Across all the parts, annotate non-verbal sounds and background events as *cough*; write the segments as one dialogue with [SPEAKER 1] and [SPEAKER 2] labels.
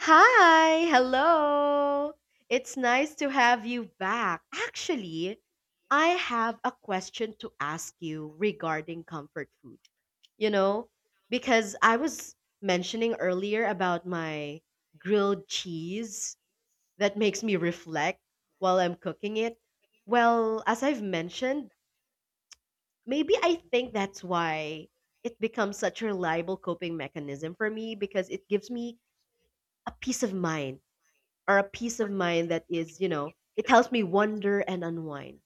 [SPEAKER 1] Hi, hello. It's nice to have you back. Actually, I have a question to ask you regarding comfort food. You know, because I was mentioning earlier about my grilled cheese that makes me reflect while I'm cooking it. Well, as I've mentioned, maybe I think that's why it becomes such a reliable coping mechanism for me because it gives me a peace of mind or a peace of mind that is, you know, it helps me wonder and unwind.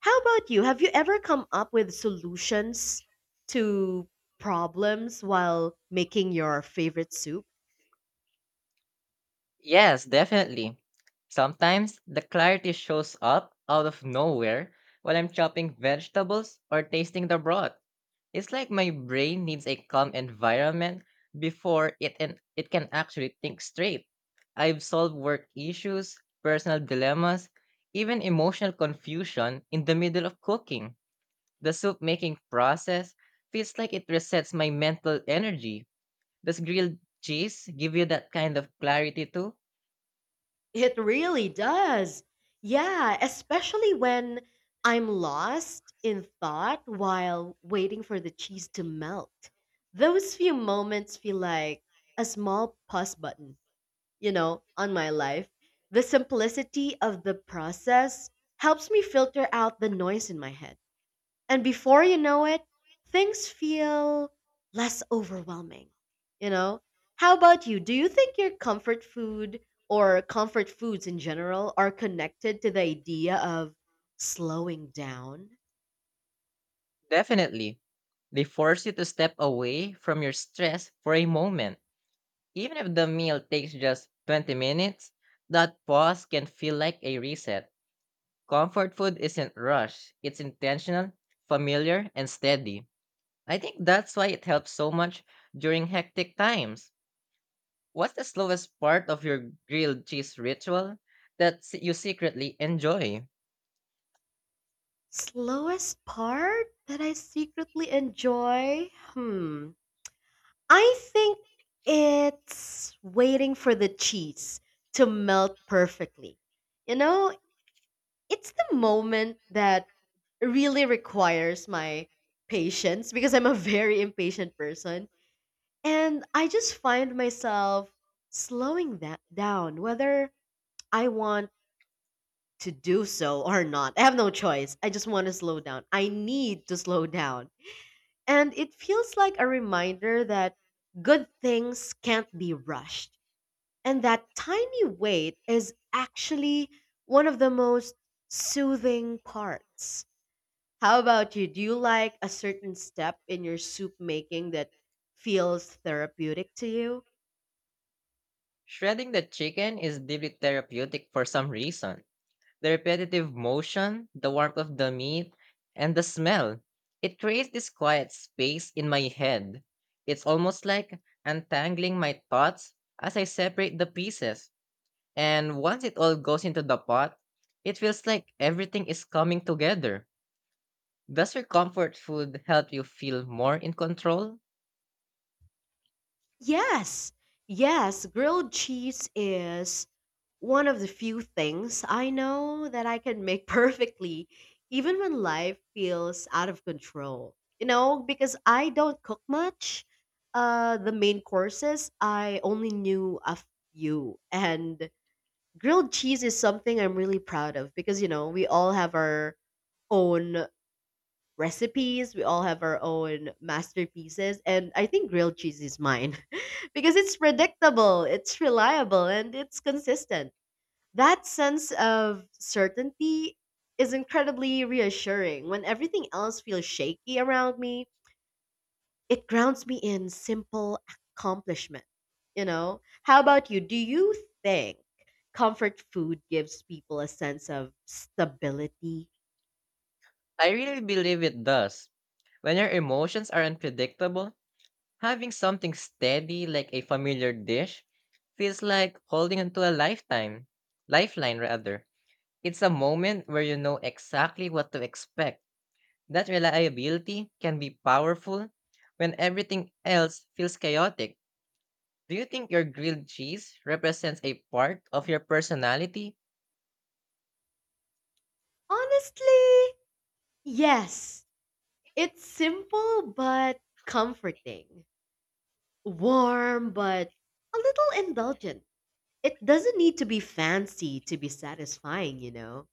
[SPEAKER 1] How about you? Have you ever come up with solutions to problems while making your favorite soup?
[SPEAKER 2] Yes, definitely. Sometimes the clarity shows up out of nowhere while I'm chopping vegetables or tasting the broth. It's like my brain needs a calm environment before it can actually think straight. I've solved work issues, personal dilemmas, even emotional confusion in the middle of cooking. The soup making process feels like it resets my mental energy. Does grilled cheese give you that kind of clarity too?
[SPEAKER 1] It really does. Yeah, especially when I'm lost in thought while waiting for the cheese to melt. Those few moments feel like a small pause button, you know, on my life. The simplicity of the process helps me filter out the noise in my head. And before you know it, things feel less overwhelming, you know? How about you? Do you think your comfort food or comfort foods in general are connected to the idea of slowing down?
[SPEAKER 2] Definitely. They force you to step away from your stress for a moment. Even if the meal takes just 20 minutes, that pause can feel like a reset. Comfort food isn't rushed, it's intentional, familiar, and steady. I think that's why it helps so much during hectic times. What's the slowest part of your grilled cheese ritual that you secretly enjoy?
[SPEAKER 1] Slowest part that I secretly enjoy? Hmm. I think it's waiting for the cheese to melt perfectly. You know, it's the moment that really requires my patience because I'm a *laughs* very impatient person. And I just find myself slowing that down, whether I want to do so or not. I have no choice. I just want to slow down. I need to slow down. And it feels like a reminder that good things can't be rushed. And that tiny weight is actually one of the most soothing parts. How about you? Do you like a certain step in your soup making that feels therapeutic to you?
[SPEAKER 2] Shredding the chicken is deeply therapeutic for some reason. The repetitive motion, the warmth of the meat, and the smell. It creates this quiet space in my head. It's almost like untangling my thoughts as I separate the pieces. And once it all goes into the pot, it feels like everything is coming together. Does your comfort food help you feel more in control?
[SPEAKER 1] Yes. Yes, grilled cheese is one of the few things I know that I can make *laughs* perfectly, even when life feels out of control. You know, because I don't cook much. The main courses, I only knew a few. And grilled cheese is something I'm really proud of because, you know, we all have our own recipes, we all have our own masterpieces. And I think grilled cheese is mine *laughs* because it's predictable, it's reliable, and it's consistent. That sense of certainty is incredibly reassuring. When everything else feels shaky around me, it grounds me in simple accomplishment. You know, how about you? Do you think comfort food gives people a sense of stability?
[SPEAKER 2] I really believe it does. When your emotions are unpredictable, having something steady like a familiar dish feels like holding onto a lifetime, lifeline rather. It's a moment where you know exactly what to expect. That reliability can be powerful when everything else feels chaotic. Do you think your grilled cheese represents a part of your personality?
[SPEAKER 1] Honestly, yes. It's simple but comforting, warm but a little indulgent. It doesn't need to be fancy to be satisfying, you know?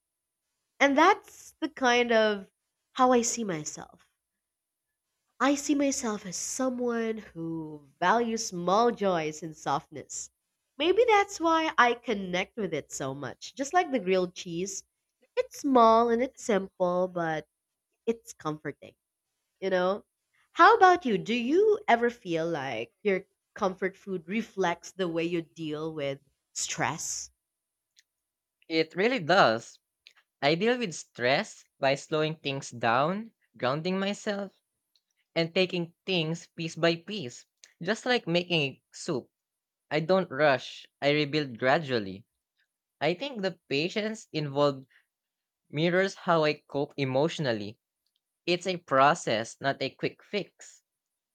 [SPEAKER 1] And that's the kind of how I see myself. I see myself as someone who values small joys and softness. Maybe that's why I connect with it so much. Just like the grilled cheese, it's small and it's simple, but it's comforting, you know? How about you? Do you ever feel like your comfort food reflects the way you deal with stress?
[SPEAKER 2] It really does. I deal with stress by slowing things down, grounding myself, and taking things piece by piece, just like making soup. I don't rush. I rebuild gradually. I think the patience involved mirrors how I cope emotionally. It's a process, not a quick fix.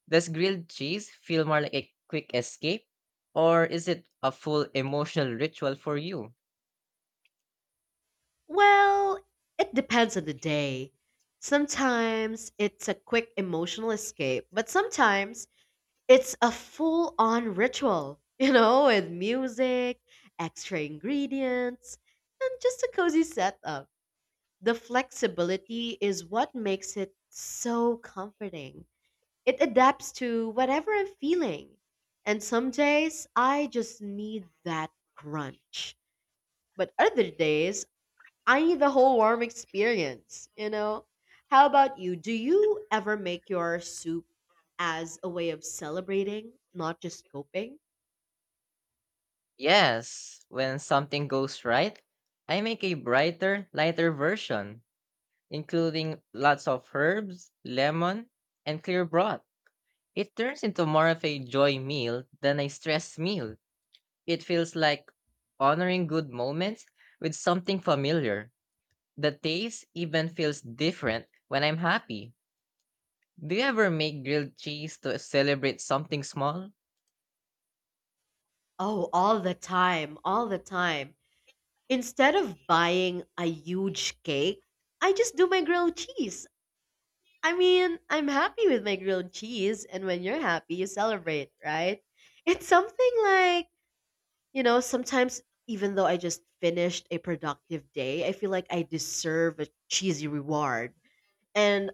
[SPEAKER 2] Does grilled cheese feel more like a quick escape? Or is it a full emotional ritual for you?
[SPEAKER 1] Well, it depends on the day. Sometimes it's a quick emotional escape, but sometimes it's a full on ritual, *laughs* you know, with music, extra ingredients, and just a cozy setup. The flexibility is what makes it so comforting. It adapts to whatever I'm feeling. And some days I just need that crunch. But other days I need the whole warm experience, you know? How about you? Do you ever make your soup as a way of celebrating, not just coping?
[SPEAKER 2] Yes, when something goes right, I make a brighter, lighter version, including lots of herbs, lemon, and clear broth. It turns into more of a joy meal than a stress meal. It feels like honoring good moments with something familiar. The taste even feels different when I'm happy. Do you ever make grilled cheese to celebrate something small?
[SPEAKER 1] Oh, all the time, all the time. Instead of buying a huge cake, I just do my grilled cheese. I mean, I'm happy with my grilled cheese, and when you're happy, you celebrate, right? It's something like, you know, sometimes even though I just finished a productive day, I feel like I deserve a cheesy reward. And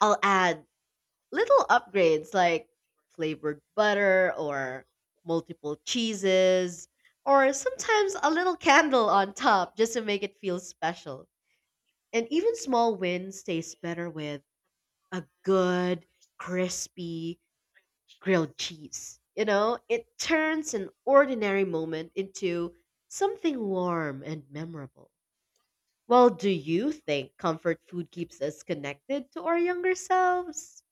[SPEAKER 1] I'll add little upgrades like flavored butter or multiple cheeses or sometimes a little candle on top just to make it feel special. And even small wins taste better with a good, crispy, grilled cheese. You know, it turns an ordinary moment into something warm and memorable. Well, do you think comfort food keeps us connected to our younger selves?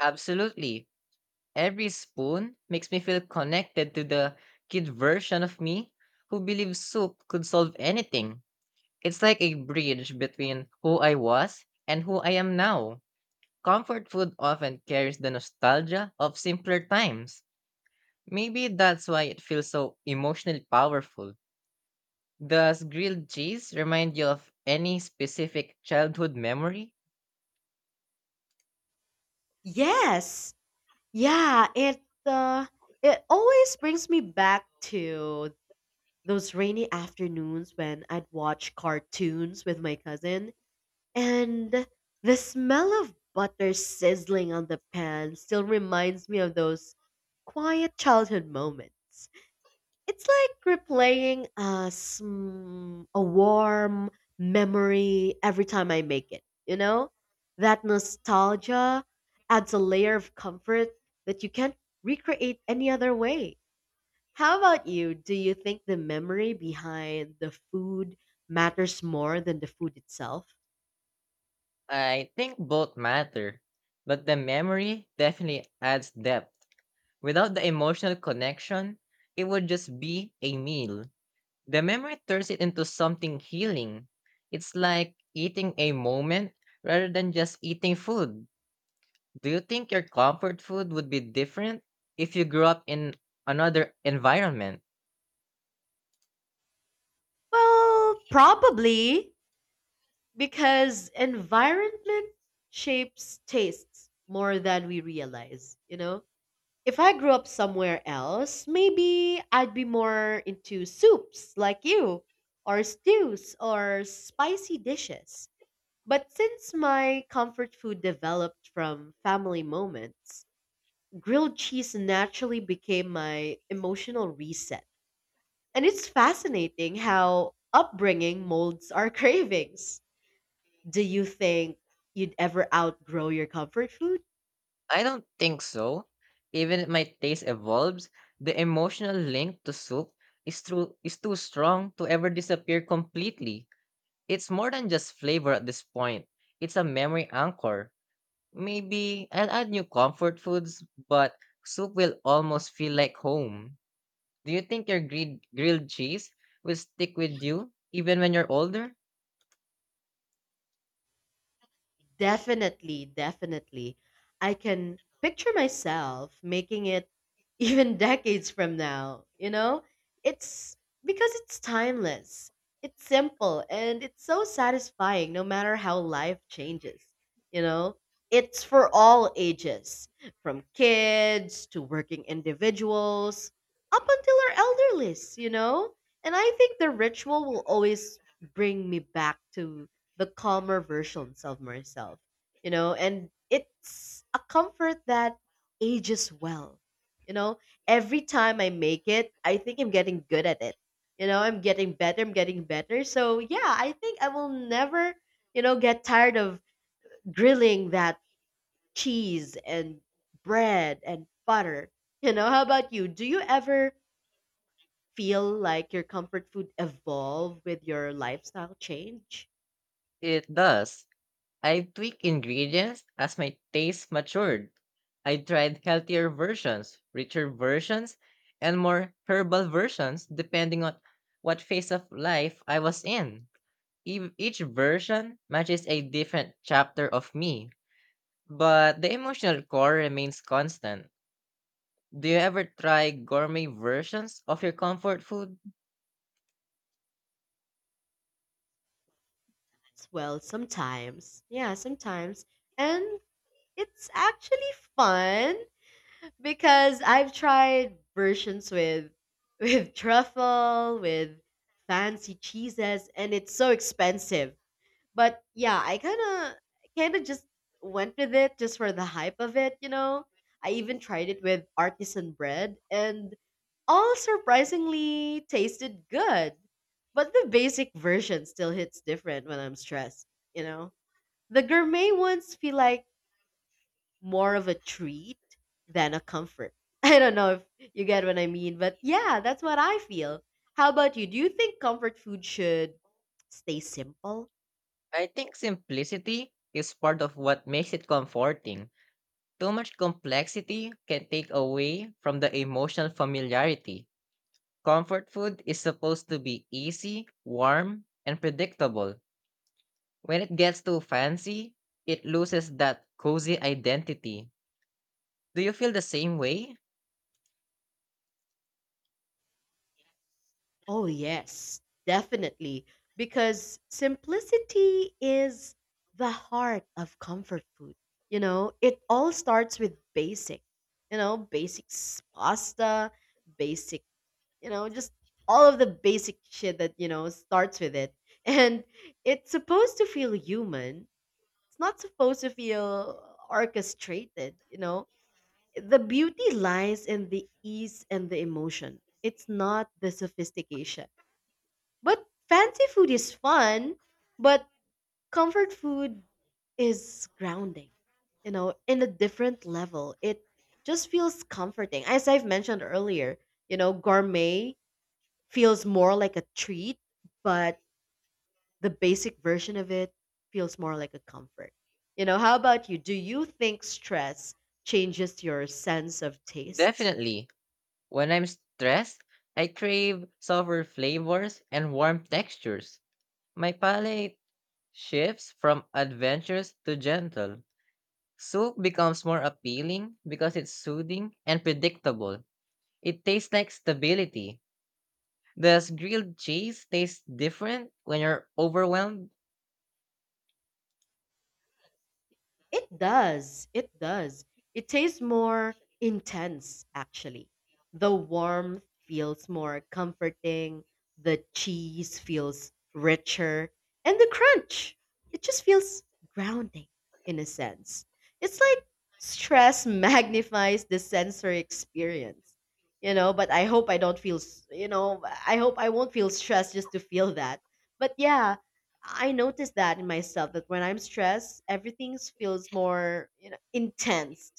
[SPEAKER 2] Absolutely. Every spoon makes me feel connected to the kid version of me who believed soup could solve anything. It's like a bridge between who I was and who I am now. Comfort food often carries the nostalgia of simpler times. Maybe that's why it feels so emotionally powerful. Does grilled cheese remind you of any specific childhood memory?
[SPEAKER 1] Yes. Yeah, it always brings me back to those rainy afternoons when I'd watch cartoons with my cousin. And the smell of butter sizzling on the pan still reminds me of those quiet childhood moments. It's like replaying a warm memory every time I make it, you know? That nostalgia adds a layer of comfort that you can't recreate any other way. How about you? Do you think the memory behind the food matters more than the food itself?
[SPEAKER 2] I think both matter, but the memory definitely adds depth. Without the emotional connection, it would just be a meal. The memory turns it into something healing. It's like eating a moment rather than just eating food. Do you think your comfort food would be different if you grew up in another environment?
[SPEAKER 1] Well, probably because environment shapes tastes more than we realize, you know? If I grew up somewhere else, maybe I'd be more into soups like you, or stews, or spicy dishes. But since my comfort food developed from family moments, grilled cheese naturally became my emotional reset, and it's fascinating how upbringing molds our *laughs* cravings. Do you think you'd ever outgrow your comfort food?
[SPEAKER 2] I don't think so. Even if my taste evolves, the emotional link to soup is too strong to ever disappear completely. It's more than just flavor at this point. It's a memory anchor. Maybe I'll add new comfort foods, but soup will almost feel like home. Do you think your grilled cheese will stick with you even when you're older?
[SPEAKER 1] Definitely, definitely. I can picture myself making it even *laughs* decades from now, you know? It's because it's timeless, it's simple, and it's so satisfying no matter how life changes, you know? It's for all ages, from kids to working individuals, up until our elderlies, you know? And I think the ritual will always bring me back to the calmer versions of myself, you know, and it's a comfort that ages well. You know, every time I make it, I think I'm getting good at it. You know, I'm getting better, I'm getting better. So, yeah, I think I will never, you know, get tired of grilling that cheese and bread and butter. You know, how about you? Do you ever feel like your comfort food evolve with your lifestyle change?
[SPEAKER 2] It does. I tweaked ingredients as my taste matured. I tried healthier versions, richer versions, and more herbal versions depending on what phase of life I was in. Each version matches a different chapter of me, but the emotional core remains constant. Do you ever try gourmet versions of your comfort food?
[SPEAKER 1] Well, sometimes. Yeah, sometimes. And it's actually fun because I've tried versions with *laughs* with truffle, with fancy cheeses, and it's so expensive. But yeah, I kinda just went with it just for the hype of it, you know? I even tried it with artisan bread and all surprisingly tasted good. But the basic version still hits different when I'm stressed, you know? The gourmet ones feel like more of a treat than a comfort. *laughs* I don't know if you get what I mean, but yeah, that's what I feel. How about you? Do you think comfort food should stay simple?
[SPEAKER 2] I think simplicity is part of what makes it comforting. Too much complexity can take away from the emotional familiarity. Comfort food is supposed to be easy, warm, and predictable. When it gets too fancy, it loses that cozy identity. Do you feel the same way?
[SPEAKER 1] Oh, yes, definitely. Because simplicity is the heart of comfort food. You know, it all starts with basic, you know, pasta, basic, you know, just all of the basic shit that, you know, starts with it. *laughs* And it's supposed to feel human, it's not supposed to feel orchestrated, you know. The beauty lies in the ease and the emotion. It's not the sophistication, but fancy food is fun, but comfort food is grounding, you know, in a different level. It just feels comforting. As I've mentioned earlier, you know, gourmet feels more like a treat, but the basic version of it feels more like a comfort. You know, how about you? Do you think stress changes your sense of tastes?
[SPEAKER 2] Definitely. When I'm stressed, I crave softer flavors and warm textures. My palate shifts from adventurous to gentle. Soup becomes more appealing because it's soothing and predictable. It tastes like stability. Does grilled cheese taste different when you're overwhelmed?
[SPEAKER 1] It does. It does. It tastes more intense, actually. The warmth feels more comforting. The cheese feels richer. And the crunch, it just feels grounding in a sense. It's like stress *laughs* magnifies the sensory experience, you know. But I hope I don't you know, I hope I won't feel stressed just to feel that. But yeah, I notice that in myself that when I'm stressed, everything feels more, you know, intense.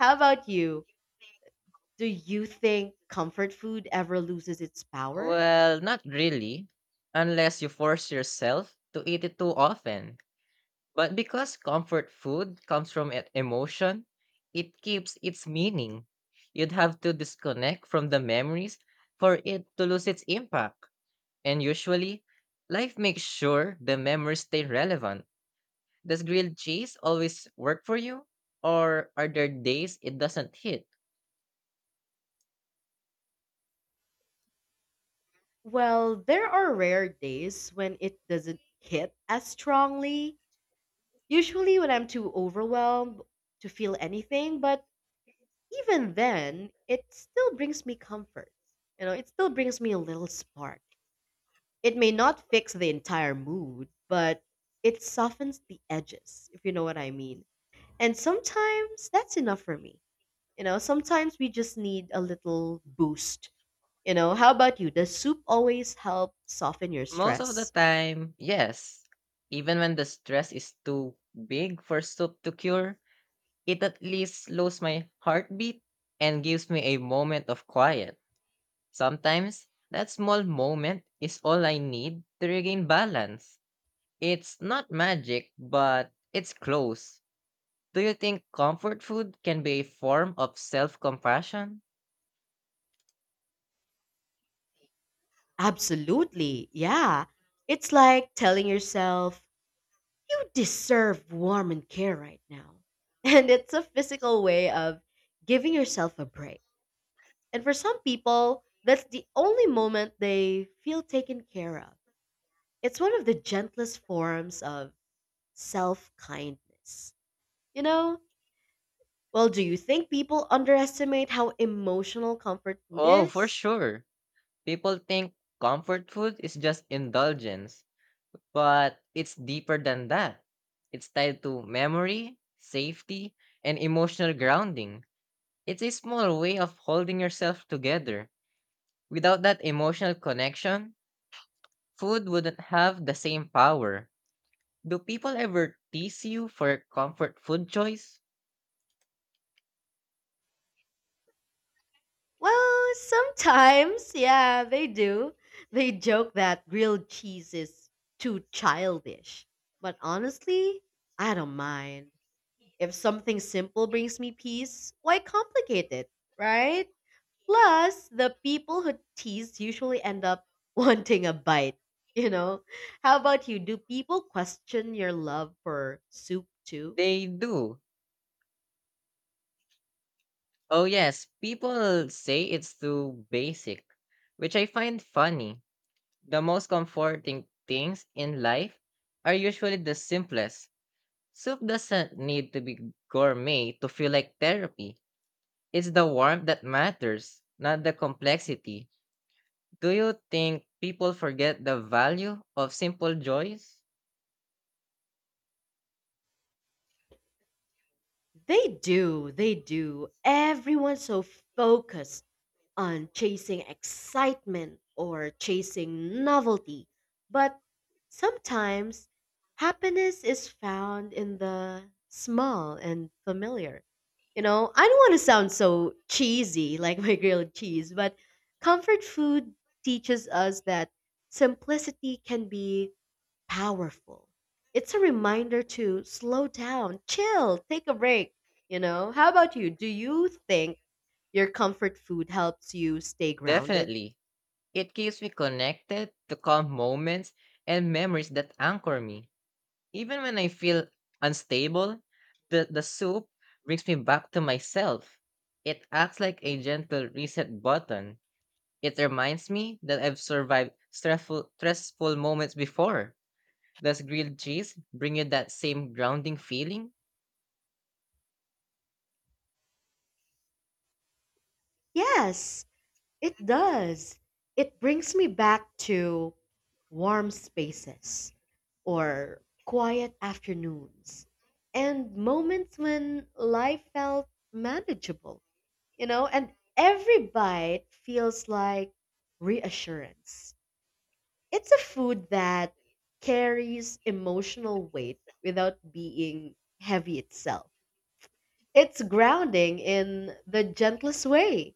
[SPEAKER 1] How about you? Do you think comfort food ever loses its power?
[SPEAKER 2] Well, not really, unless you force yourself to eat it too often. But because comfort food comes from emotion, it keeps its meaning. You'd have to disconnect from the memories for it to lose its impact. And usually, life makes sure the memories stay relevant. Does grilled cheese always work for you? Or are there days it doesn't hit?
[SPEAKER 1] Well, there are rare days when it doesn't hit as strongly. Usually, when I'm too overwhelmed to feel anything, but even then, it still brings me comfort. You know, it still brings me a little spark. It may not fix the entire mood, but it softens the edges, if you know what I mean. And sometimes that's enough for me. You know, sometimes we just need a little boost. You know, how about you? Does soup always help soften your
[SPEAKER 2] Most of the
[SPEAKER 1] stress?
[SPEAKER 2] time, yes. Even when the stress is too big for soup to cure, it at least slows my heartbeat and gives me a moment of quiet. Sometimes, that small moment is all I need to regain balance. It's not magic, but it's close. Do you think comfort food can be a form of self compassion?
[SPEAKER 1] Absolutely. Yeah. It's like telling yourself, you deserve warm and care right now. *laughs* And it's a physical way of giving yourself a break. And for some people, that's the only moment they feel taken care of. It's one of the gentlest forms of self kindness. You know? Well, do you think people underestimate how emotional comfort food
[SPEAKER 2] Oh, for
[SPEAKER 1] is?
[SPEAKER 2] sure. People think comfort food is just indulgence, but it's deeper than that. It's tied to memory, safety, and emotional grounding. It's a small way of holding yourself together. Without that emotional connection, food wouldn't have the same power. Do people ever tease you for your comfort food choice?
[SPEAKER 1] Well, sometimes, yeah, they do. They joke that grilled cheese is too childish. But honestly, I don't mind. If something simple brings me peace, why complicate it, right? Plus, the people who tease usually end up *laughs* wanting a bite. You know, how about you? Do people question your love for soup too?
[SPEAKER 2] They do. Oh, yes, people say it's too basic, which I find funny. The most comforting things in life are usually the simplest. Soup doesn't need to be gourmet to feel like therapy. It's the warmth that matters, not the complexity. Do you think people forget the value of simple joys?
[SPEAKER 1] They do, they do. Everyone's so focused on chasing excitement or chasing novelty. But sometimes happiness is found in the small and familiar. You know, I don't want to sound so cheesy like my grilled cheese, but comfort food teaches us that simplicity can be powerful. It's a reminder to slow down, chill, take a break. You know, how about you? Do you think your comfort food helps you stay grounded?
[SPEAKER 2] Definitely. It keeps me connected to calm moments and memories that anchor me. Even when I feel unstable, the soup brings me back to myself. It acts like a gentle reset button. It reminds me that I've survived stressful moments before. Does grilled cheese bring you that same grounding feeling?
[SPEAKER 1] Yes, it does. It brings me back to warm spaces or quiet afternoons and moments when life felt manageable, you know, and every bite feels like reassurance. It's a food that carries emotional weight without being heavy itself. It's grounding in the gentlest way.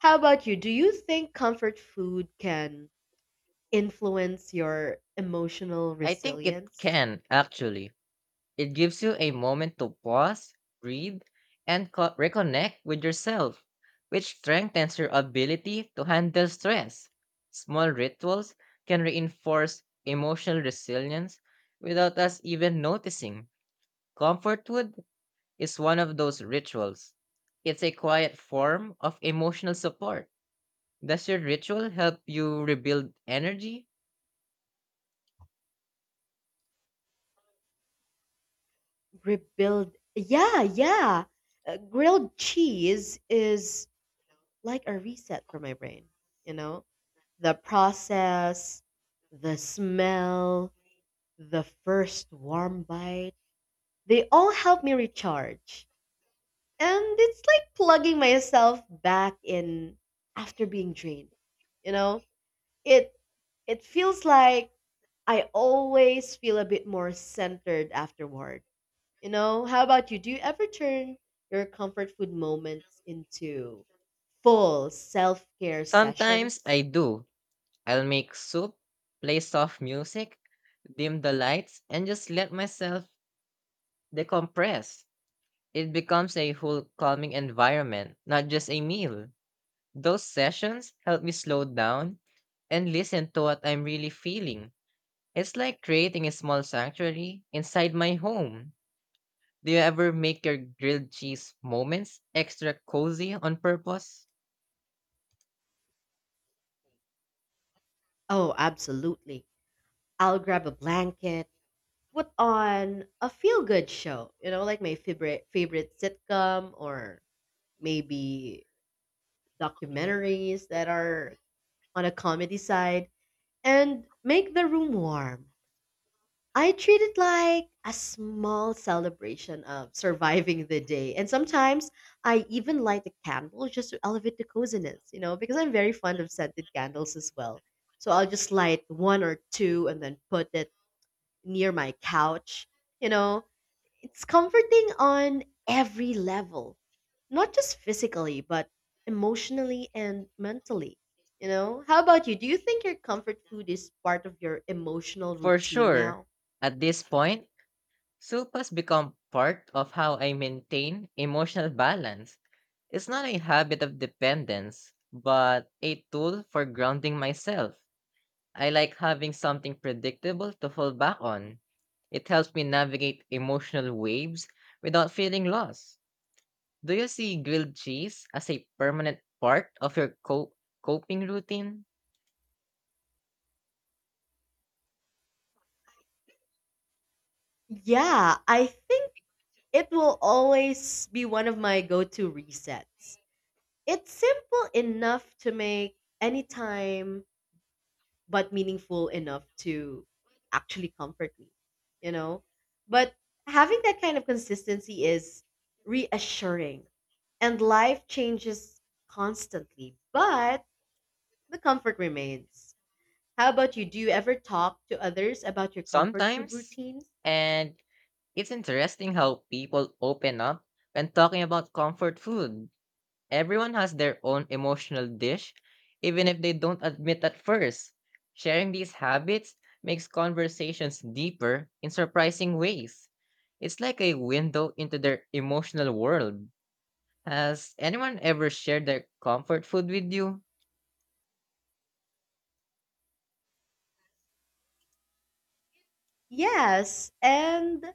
[SPEAKER 1] How about you? Do you think comfort food can influence your emotional
[SPEAKER 2] I think it
[SPEAKER 1] resilience?
[SPEAKER 2] can, actually. It gives you a moment to pause, breathe, and reconnect with yourself, which strengthens your ability to handle stress. Small rituals can reinforce emotional resilience without us even noticing. Comfort food is one of those rituals. It's a quiet form of emotional support. Does your ritual help you rebuild energy?
[SPEAKER 1] Rebuild. Yeah, yeah. Grilled cheese is like a reset for my brain, you know? The process, the smell, the first warm bite, they all help me recharge. And it's like plugging myself back in after being drained. You know, it it feels like I always feel a bit more centered afterward. You know, how about you? Do you ever turn your comfort food moments into full self care
[SPEAKER 2] Sometimes
[SPEAKER 1] sessions?
[SPEAKER 2] I do. I'll make soup, play soft music, dim the lights, and just let myself decompress. It becomes a whole calming environment, not just a meal. Those sessions help me slow down and listen to what I'm really feeling. It's like creating a small sanctuary inside my home. Do you ever make your grilled cheese moments extra cozy on purpose?
[SPEAKER 1] Oh, absolutely. I'll grab a blanket, put on a feel good show, you know, like my favorite sitcom or maybe documentaries that are on a comedy side, and make the room warm. I treat it like a small celebration of surviving the day. And sometimes I even light a candle just to elevate the coziness, you know, because I'm very fond of scented candles as well. So I'll just light one or two and then put it near my couch, you know, it's comforting on every level, not just physically, but emotionally and mentally. You know, how about you? Do you think your comfort food is part of your emotional
[SPEAKER 2] For
[SPEAKER 1] routine
[SPEAKER 2] sure.
[SPEAKER 1] now?
[SPEAKER 2] At this point, soup has become part of how I maintain emotional balance. It's not a habit of dependence, but a tool for grounding myself. I like having something predictable to fall back on. It helps me navigate emotional waves without feeling lost. Do you see grilled cheese as a permanent part of your coping routine?
[SPEAKER 1] Yeah, I think it will always be one of my go to resets. It's simple enough to make anytime but meaningful enough to actually comfort me, you know? But having that kind of consistency is reassuring and life changes constantly, but the comfort remains. How about you? Do you ever talk to others about your comfort food
[SPEAKER 2] Sometimes.
[SPEAKER 1] routines?
[SPEAKER 2] And it's interesting how people open up when talking about comfort food. Everyone has their own emotional dish, even if they don't admit at first. Sharing these habits makes conversations deeper in surprising ways. It's like a window into their emotional world. Has anyone ever shared their comfort food with you?
[SPEAKER 1] Yes, and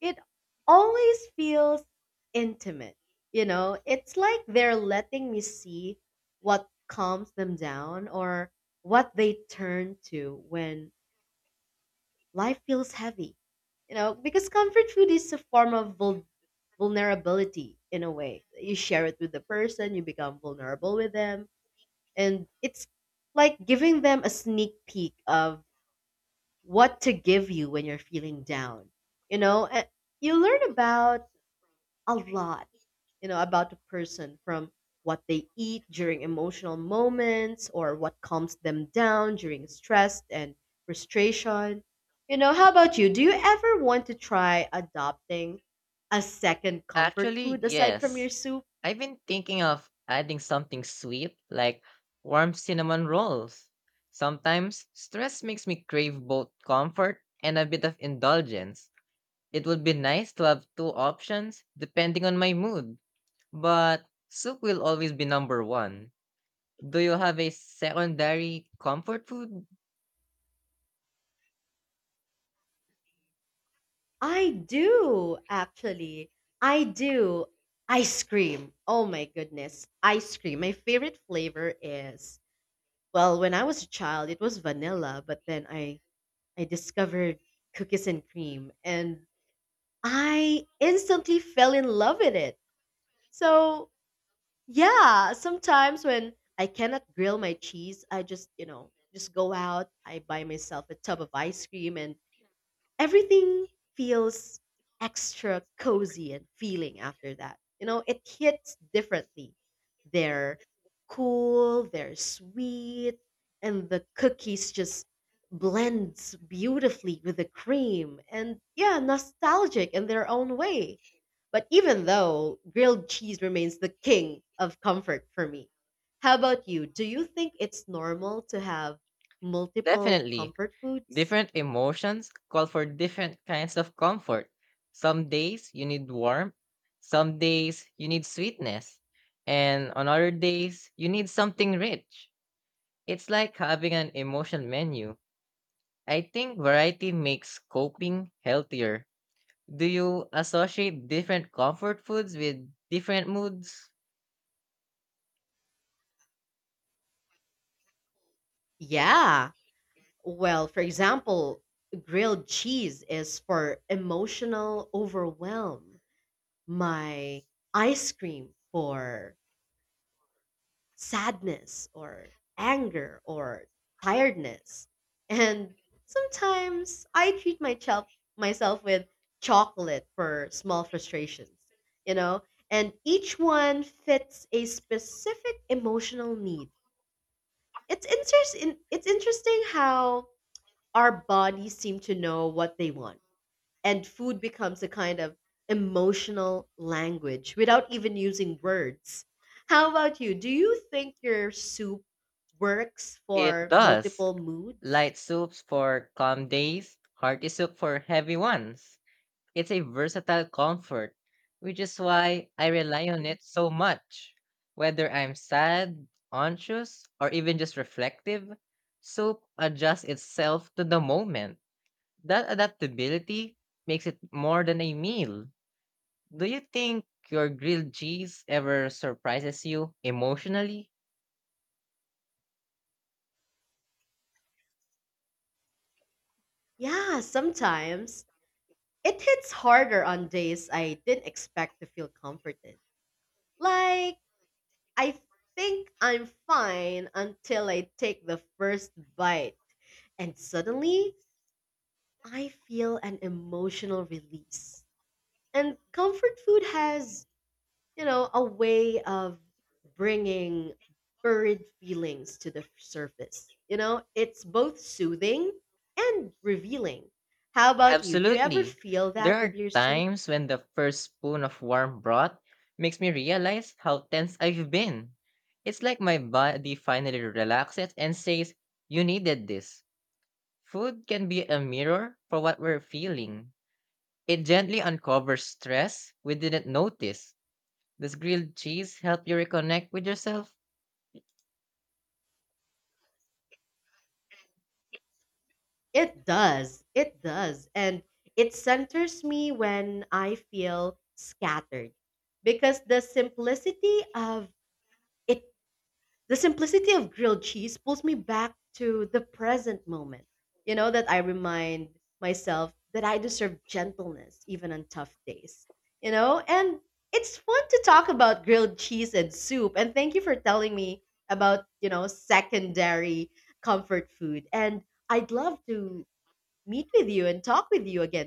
[SPEAKER 1] it always feels intimate. You know, it's like they're letting me see what calms them down or what they turn to when life feels heavy. You know, because comfort food is a form of vulnerability in a way. You share it with the person, you become vulnerable with them, and it's like giving them a sneak peek of what to give you when you're feeling down. You know, and you learn about a lot, you know, about a person from what they eat during emotional moments or what calms them down during stress and frustration. You know, how about you? Do you ever want to try adopting a second comfort
[SPEAKER 2] Actually,
[SPEAKER 1] food aside from
[SPEAKER 2] yes.
[SPEAKER 1] your soup?
[SPEAKER 2] I've been thinking of adding something sweet like warm cinnamon rolls. Sometimes stress makes me crave both comfort and a bit of indulgence. It would be nice to have two options depending on my mood, but soup will always be number one. Do you have a secondary comfort food?
[SPEAKER 1] I do, actually. I do. Ice cream. Oh my goodness. Ice cream. My favorite flavor is, well, when I was a child, it was vanilla, but then I discovered cookies and cream and I instantly fell in love with it. So, yeah, sometimes when I cannot grill my cheese, I just, you know, just go out, I buy myself a tub of ice cream and everything feels extra cozy and feeling after that. You know, it hits differently. They're cool, they're sweet, and the cookies just blends beautifully with the cream and yeah, nostalgic in their own way. But even though grilled cheese remains the king of comfort for me. How about you? Do you think it's normal to have multiple
[SPEAKER 2] Definitely.
[SPEAKER 1] comfort foods?
[SPEAKER 2] Different emotions call for different kinds of comfort. Some days you need warmth, some days you need sweetness, and on other days you need something rich. It's like having an emotion menu. I think variety makes coping healthier. Do you associate different comfort foods with different moods?
[SPEAKER 1] Yeah. Well, for example, grilled cheese is for emotional overwhelm. My ice cream for sadness or anger or tiredness. And sometimes I treat myself with chocolate for small frustrations, you know? And each one fits a specific emotional need. It's interesting how our bodies seem to know what they want. And food becomes a kind of emotional language without even using words. How about you? Do you think your soup works
[SPEAKER 2] It
[SPEAKER 1] for
[SPEAKER 2] does.
[SPEAKER 1] multiple moods?
[SPEAKER 2] Light soups for calm days, hearty soup for heavy ones. It's a versatile comfort, which is why I rely on it so much. Whether I'm sad, anxious, or even just reflective, soup adjusts itself to the moment. That adaptability makes it more than a meal. Do you think your grilled cheese ever surprises you emotionally?
[SPEAKER 1] Yeah, sometimes. It hits harder on days I didn't expect to feel comforted. Like, I think I'm fine until I take the first bite, and suddenly I feel an emotional release. And comfort food has, you know, a way of bringing buried feelings to the surface. You know, it's both soothing and revealing. How about you? Do you ever
[SPEAKER 2] Absolutely.
[SPEAKER 1] feel
[SPEAKER 2] There
[SPEAKER 1] that with
[SPEAKER 2] are
[SPEAKER 1] your soup?
[SPEAKER 2] times when the first spoon of warm broth makes me realize how tense I've been. It's like my body finally relaxes and says, "You needed this." Food can be a mirror for what we're feeling. It gently uncovers stress we didn't notice. Does grilled cheese help you reconnect with yourself?
[SPEAKER 1] It does. It does. And it centers me when I feel scattered because the simplicity of it. The simplicity of grilled cheese pulls me back to the present moment. You know, that I remind myself that I deserve gentleness even on tough days. You know, and it's fun to talk about grilled cheese and soup. And thank you for telling me about, you know, secondary comfort food. And I'd love to meet with you and talk with you again